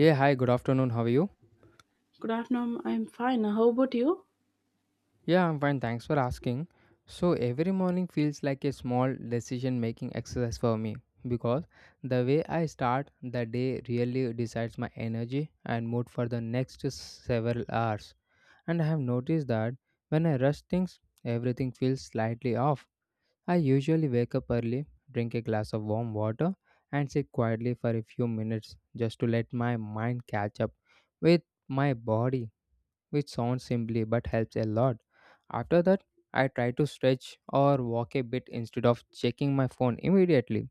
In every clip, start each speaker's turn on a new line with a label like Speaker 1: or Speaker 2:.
Speaker 1: Yeah, hi, good afternoon. How are you?
Speaker 2: Good afternoon. I'm fine. How about you?
Speaker 1: Yeah, I'm fine. Thanks for asking. So, every morning feels like a small decision making exercise for me because the way I start the day really decides my energy and mood for the next several hours. And I have noticed that when I rush things, everything feels slightly off. I usually wake up early, drink a glass of warm water, and sit quietly for a few minutes just to let my mind catch up with my body which sounds simply but helps a lot. After that, I try to stretch or walk a bit instead of checking my phone immediately.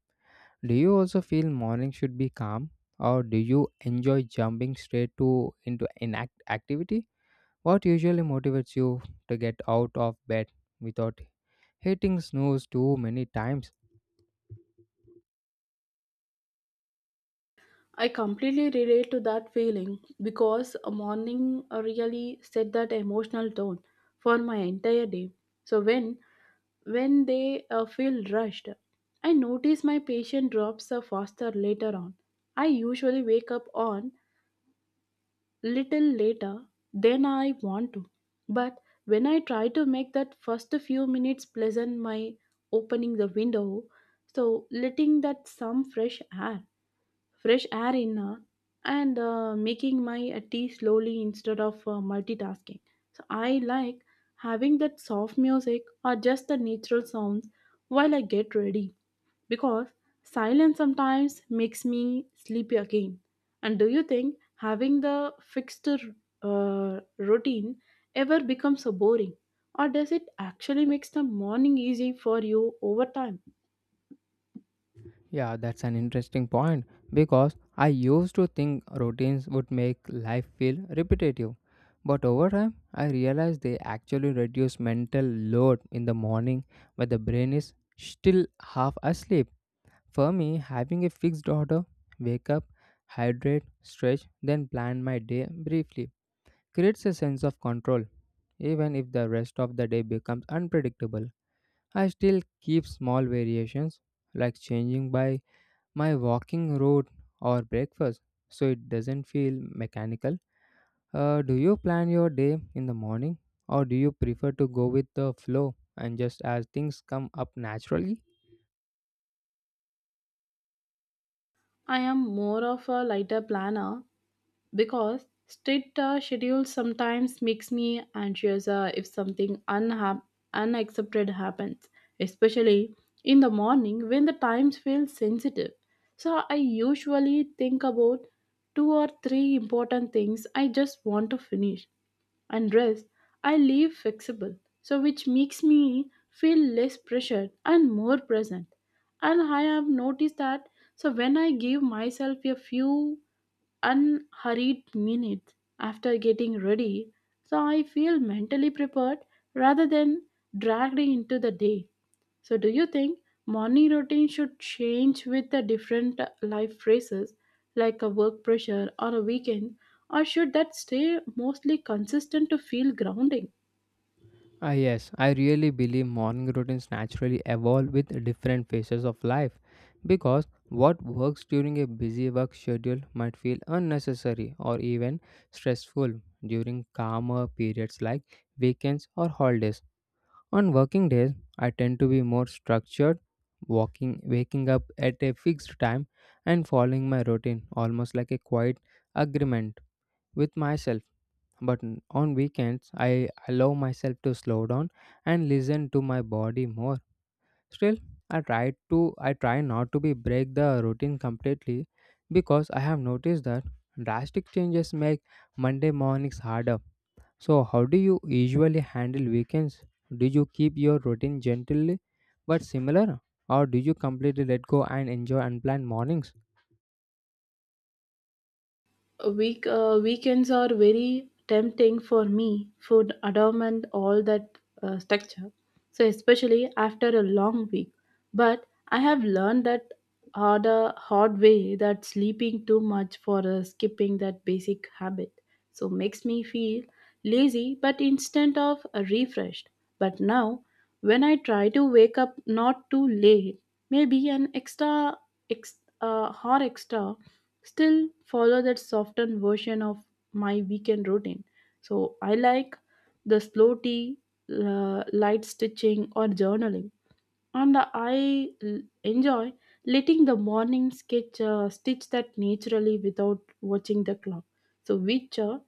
Speaker 1: Do you also feel morning should be calm or do you enjoy jumping straight to into inact activity? What usually motivates you to get out of bed without hitting snooze too many times?
Speaker 2: I completely relate to that feeling because a morning really set that emotional tone for my entire day. So when they feel rushed, I notice my patient drops faster later on. I usually wake up on little later than I want to, but when I try to make that first few minutes pleasant, my opening the window, so letting that some air fresh air in and making my tea slowly instead of multitasking. So I like having that soft music or just the natural sounds while I get ready because silence sometimes makes me sleepy again. And do you think having the fixed routine ever becomes so boring? Or does it actually makes the morning easy for you over time?
Speaker 1: Yeah, that's an interesting point because I used to think routines would make life feel repetitive. But over time, I realized they actually reduce mental load in the morning when the brain is still half asleep. For me, having a fixed order, wake up, hydrate, stretch, then plan my day briefly, creates a sense of control. Even if the rest of the day becomes unpredictable, I still keep small variations like changing by my walking route or breakfast so it doesn't feel mechanical. Do you plan your day in the morning or do you prefer to go with the flow and just as things come up naturally?
Speaker 2: I am more of a lighter planner because strict schedules sometimes makes me anxious if something unaccepted happens, especially in the morning when the times feel sensitive. So I usually think about two or three important things I just want to finish, and rest I leave flexible, so which makes me feel less pressured and more present. And I have noticed that so when I give myself a few unhurried minutes after getting ready, so I feel mentally prepared rather than dragged into the day. So, do you think morning routine should change with the different life phases, like a work pressure or a weekend, or should that stay mostly consistent to feel grounding?
Speaker 1: Ah, yes, I really believe morning routines naturally evolve with different phases of life because what works during a busy work schedule might feel unnecessary or even stressful during calmer periods like weekends or holidays. On working days, I tend to be more structured, walking, waking up at a fixed time and following my routine almost like a quiet agreement with myself. But on weekends, I allow myself to slow down and listen to my body more. Still, I try not to be break the routine completely because I have noticed that drastic changes make Monday mornings harder. So, how do you usually handle weekends? Do you keep your routine gently but similar, or do you completely let go and enjoy unplanned mornings?
Speaker 2: Weekends are very tempting for me, food adornment all that structure, so especially after a long week. But I have learned that hard way that sleeping too much for skipping that basic habit so makes me feel lazy but instead of refreshed. But now when I try to wake up not too late, maybe an extra hour extra, still follow that softened version of my weekend routine. So I like the slow tea, light stitching, or journaling. And enjoy letting the morning sketch stitch that naturally without watching the clock. So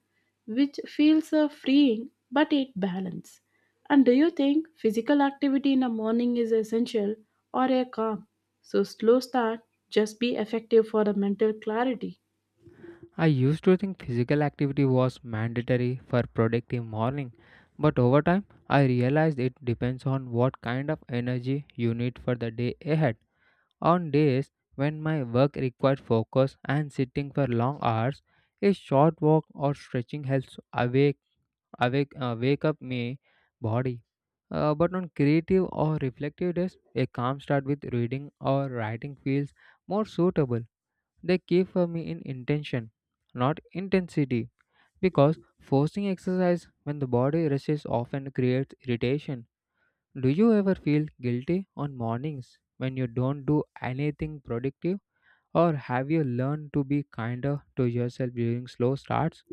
Speaker 2: which feels freeing, but it balance. And do you think physical activity in the morning is essential or a calm? So slow start just be effective for the mental clarity.
Speaker 1: I used to think physical activity was mandatory for productive morning, but over time I realized it depends on what kind of energy you need for the day ahead. On days when my work required focus and sitting for long hours, a short walk or stretching helps away wake up my body. But on creative or reflective days, a calm start with reading or writing feels more suitable. They keep for me in intention, not intensity, because forcing exercise when the body resists often creates irritation. Do you ever feel guilty on mornings when you don't do anything productive, or have you learned to be kinder to yourself during slow starts?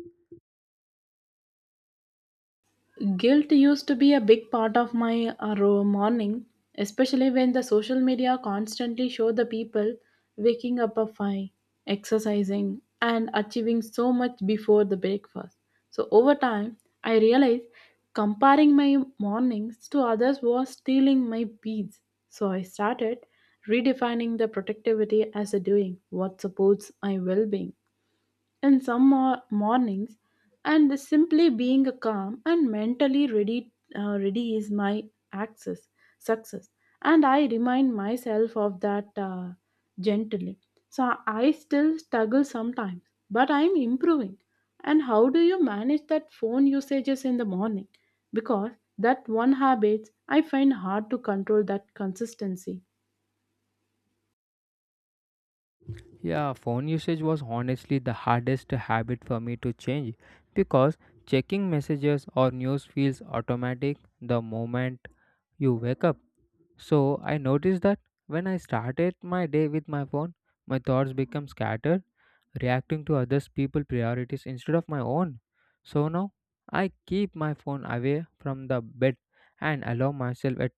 Speaker 2: Guilt used to be a big part of my morning, especially when the social media constantly show the people waking up at 5, exercising, and achieving so much before the breakfast. So over time, I realized comparing my mornings to others was stealing my peace. So I started redefining the productivity as a doing what supports my well-being in some mornings, and this simply being calm and mentally ready is my access success. And I remind myself of that gently. So I still struggle sometimes, but I'm improving. And how do you manage that phone usages in the morning, because that one habit I find hard to control that consistency?
Speaker 1: Yeah, phone usage was honestly the hardest habit for me to change because checking messages or news feels automatic the moment you wake up. So I noticed that when I started my day with my phone, my thoughts become scattered, reacting to others people priorities instead of my own. So now I keep my phone away from the bed and allow myself at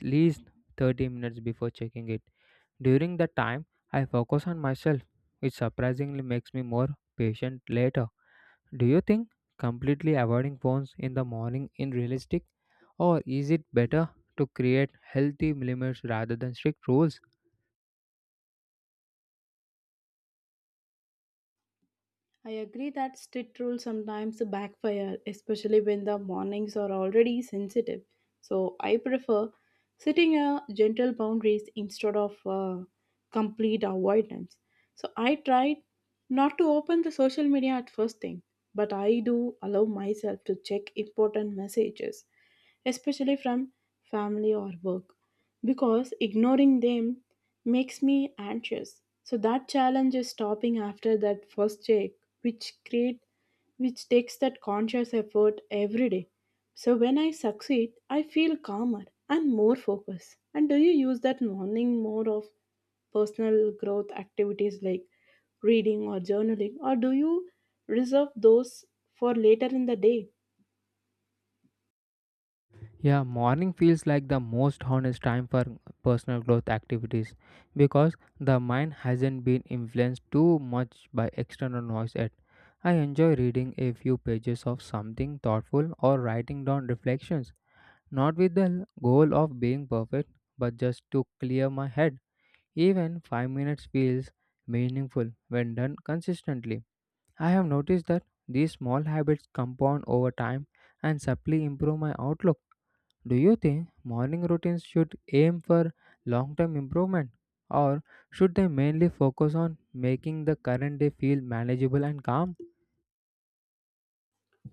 Speaker 1: least 30 minutes before checking it. During that time, I focus on myself, which surprisingly makes me more patient later. Do you think completely avoiding phones in the morning is realistic, or is it better to create healthy limits rather than strict rules?
Speaker 2: I agree that strict rules sometimes backfire, especially when the mornings are already sensitive. So I prefer setting a gentle boundaries instead of complete avoidance. So I try not to open the social media at first thing, but I do allow myself to check important messages, especially from family or work, because ignoring them makes me anxious. So that challenge is stopping after that first check, which create which takes that conscious effort every day. So when I succeed, I feel calmer and more focused. And do you use that morning more of personal growth activities like reading or journaling, or do you reserve those for later in the day?
Speaker 1: Yeah, morning feels like the most honest time for personal growth activities because the mind hasn't been influenced too much by external noise yet. I enjoy reading a few pages of something thoughtful or writing down reflections. Not with the goal of being perfect, but just to clear my head. Even 5 minutes feels meaningful when done consistently. I have noticed that these small habits compound over time and subtly improve my outlook. Do you think morning routines should aim for long term improvement? Or should they mainly focus on making the current day feel manageable and calm?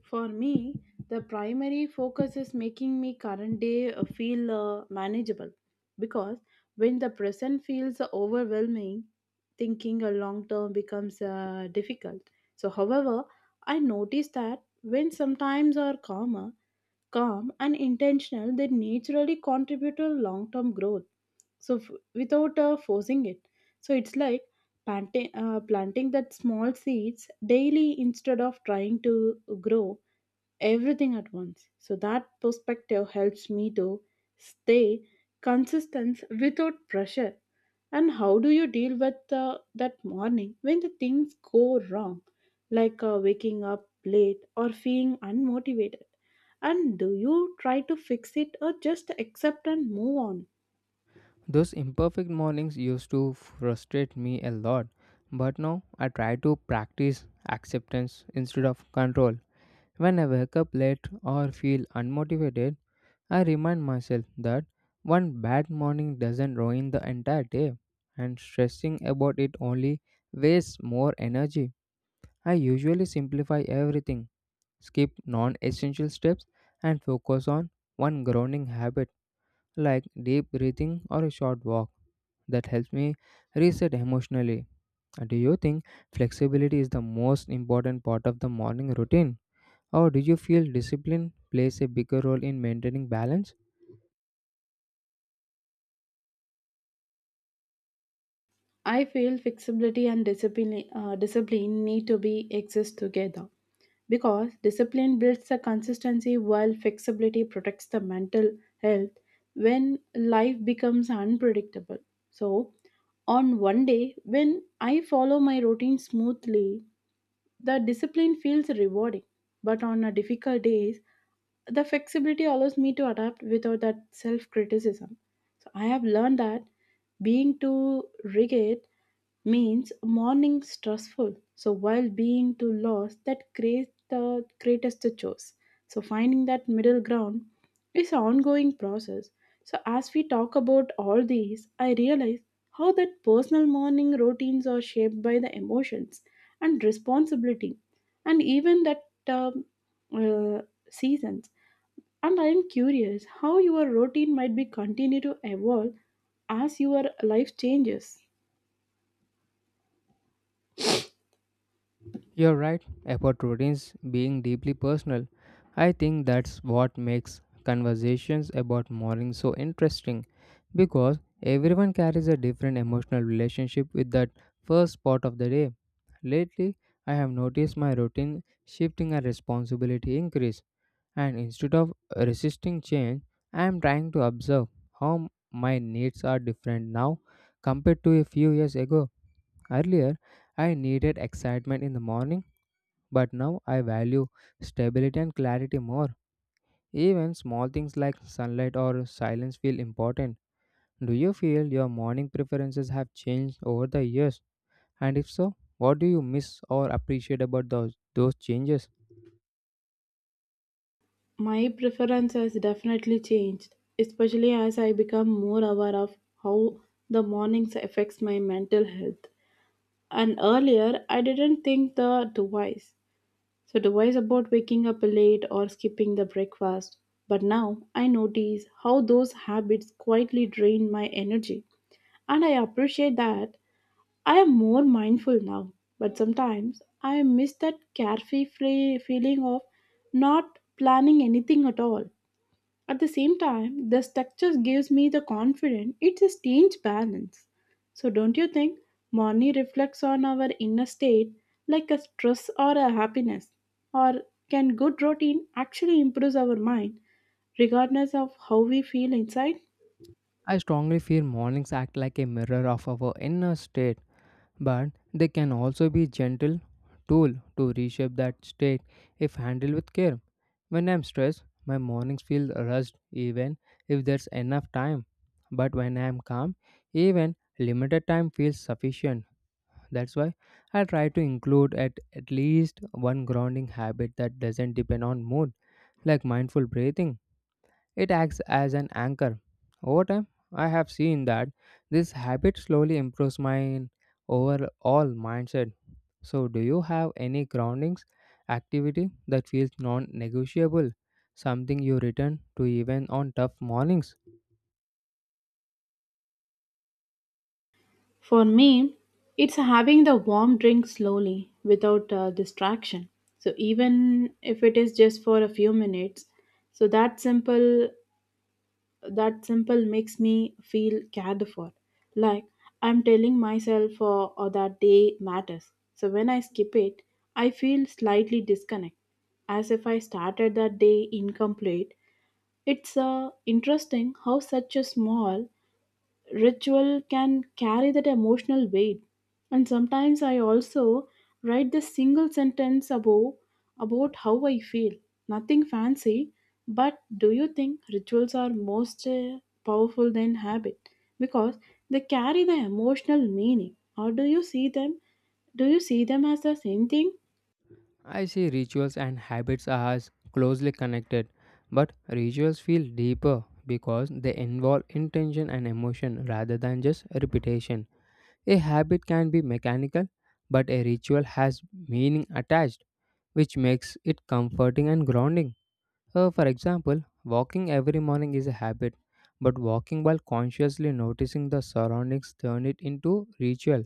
Speaker 2: For me, the primary focus is making me current day feel manageable, because when the present feels overwhelming, thinking a long term becomes difficult. So, however, I notice that when calm and intentional, they naturally contribute to long term growth. So, without forcing it, so it's like planting that small seeds daily instead of trying to grow everything at once. So that perspective helps me to stay consistent without pressure. And how do you deal with that morning when the things go wrong, like waking up late or feeling unmotivated? And do you try to fix it or just accept and move on?
Speaker 1: Those imperfect mornings used to frustrate me a lot, but now I try to practice acceptance instead of control. When I wake up late or feel unmotivated, I remind myself that one bad morning doesn't ruin the entire day, and stressing about it only wastes more energy. I usually simplify everything, skip non essential steps, and focus on one grounding habit like deep breathing or a short walk that helps me reset emotionally. Do you think flexibility is the most important part of the morning routine? Or do you feel discipline plays a bigger role in maintaining balance?
Speaker 2: I feel flexibility and discipline need to be exist together, because discipline builds the consistency while flexibility protects the mental health when life becomes unpredictable. So, on one day when I follow my routine smoothly, the discipline feels rewarding. But on a difficult days, the flexibility allows me to adapt without that self criticism. So I have learned that being too rigid means morning stressful. So while being too lost, that creates the greatest chores. So finding that middle ground is an ongoing process. So as we talk about all these, I realize how that personal morning routines are shaped by the emotions and responsibility, and even that um, uh, seasons. And I am curious how your routine might be continue to evolve as your life changes.
Speaker 1: You're right about routines being deeply personal. I think that's what makes conversations about mourning so interesting because everyone carries a different emotional relationship with that first part of the day. Lately, I have noticed my routine shifting as responsibility increase, and instead of resisting change, I am trying to observe how my needs are different now compared to a few years ago. Earlier, I needed excitement in the morning but now I value stability and clarity more. Even small things like sunlight or silence feel important. Do you feel your morning preferences have changed over the years? And if so, what do you miss or appreciate about those changes?
Speaker 2: My preference has definitely changed, especially as I become more aware of how the mornings affects my mental health. And earlier, I didn't think the twice. So twice about waking up late or skipping the breakfast. But now I notice how those habits quietly drain my energy. And I appreciate that I am more mindful now. But sometimes I miss that carefree free feeling of not planning anything at all. At the same time, the structure gives me the confidence, it's a strange balance. So, don't you think money reflects on our inner state like a stress or a happiness? Or can good routine actually improve our mind regardless of how we feel inside?
Speaker 1: I strongly feel mornings act like a mirror of our inner state but they can also be gentle tool to reshape that state if handled with care. When I'm stressed, my mornings feel rushed even if there's enough time. But when I'm calm, even limited time feels sufficient. That's why I try to include at least one grounding habit that doesn't depend on mood, like mindful breathing. It acts as an anchor. Over time, I have seen that this habit slowly improves my overall mindset. So, do you have any groundings activity that feels non negotiable? Something you return to even on tough mornings?
Speaker 2: For me, it's having the warm drink slowly without distraction. So, even if it is just for a few minutes, so that simple makes me feel cared for. Like I'm telling myself that day matters. So when I skip it, I feel slightly disconnect, as if I started that day incomplete. It's interesting how such a small ritual can carry that emotional weight. And sometimes I also write this single sentence above about how I feel, nothing fancy. But do you think rituals are most powerful than habit because they carry the emotional meaning, or do you see them as the same thing
Speaker 1: I see rituals and habits as closely connected, but rituals feel deeper because they involve intention and emotion rather than just repetition. A habit can be mechanical, but a ritual has meaning attached, which makes it comforting and grounding. For example, walking every morning is a habit, but walking while consciously noticing the surroundings turn it into ritual.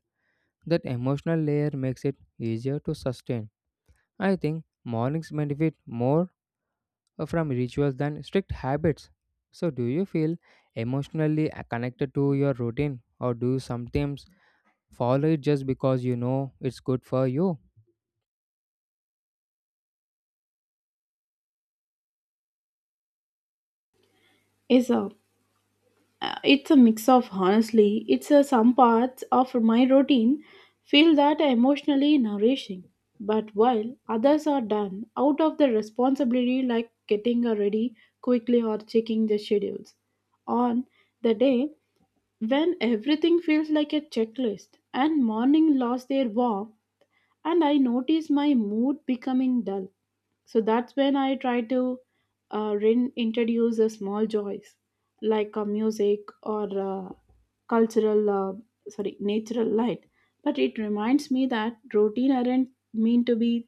Speaker 1: That emotional layer makes it easier to sustain. I think mornings benefit more from rituals than strict habits. So, do you feel emotionally connected to your routine, or do you sometimes follow it just because you know it's good for you.
Speaker 2: is up? It's a mix of, honestly, it's a, some parts of my routine feel that emotionally nourishing, but while others are done out of the responsibility like getting ready quickly or checking the schedules. On the day when everything feels like a checklist and morning lost their warmth, and I notice my mood becoming dull. So that's when I try to introduce a small joys like music or cultural, uh, natural light. But it reminds me that routine aren't mean to be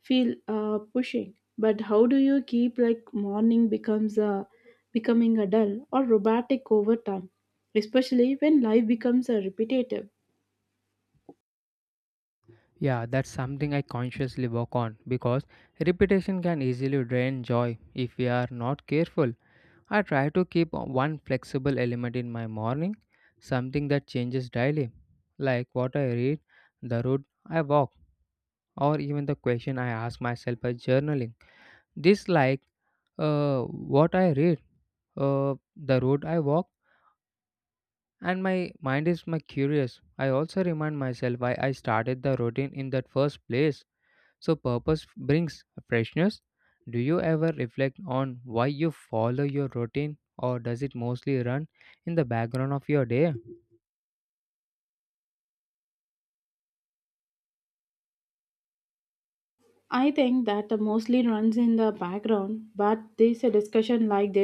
Speaker 2: feel pushing. But how do you keep like morning becomes a becoming a dull or robotic over time, especially when life becomes a repetitive?
Speaker 1: Yeah, that's something I consciously work on because repetition can easily drain joy if we are not careful. I try to keep one flexible element in my morning, something that changes daily, like what I read, the road I walk, or even the question I ask myself by journaling. This, like what I read, the road I walk, and my mind is my curious. I also remind myself why I started the routine in that first place. So purpose brings freshness. Do you ever reflect on why you follow your routine or does it mostly run in the background of your day?
Speaker 2: I think that the mostly runs in the background, but this discussion like this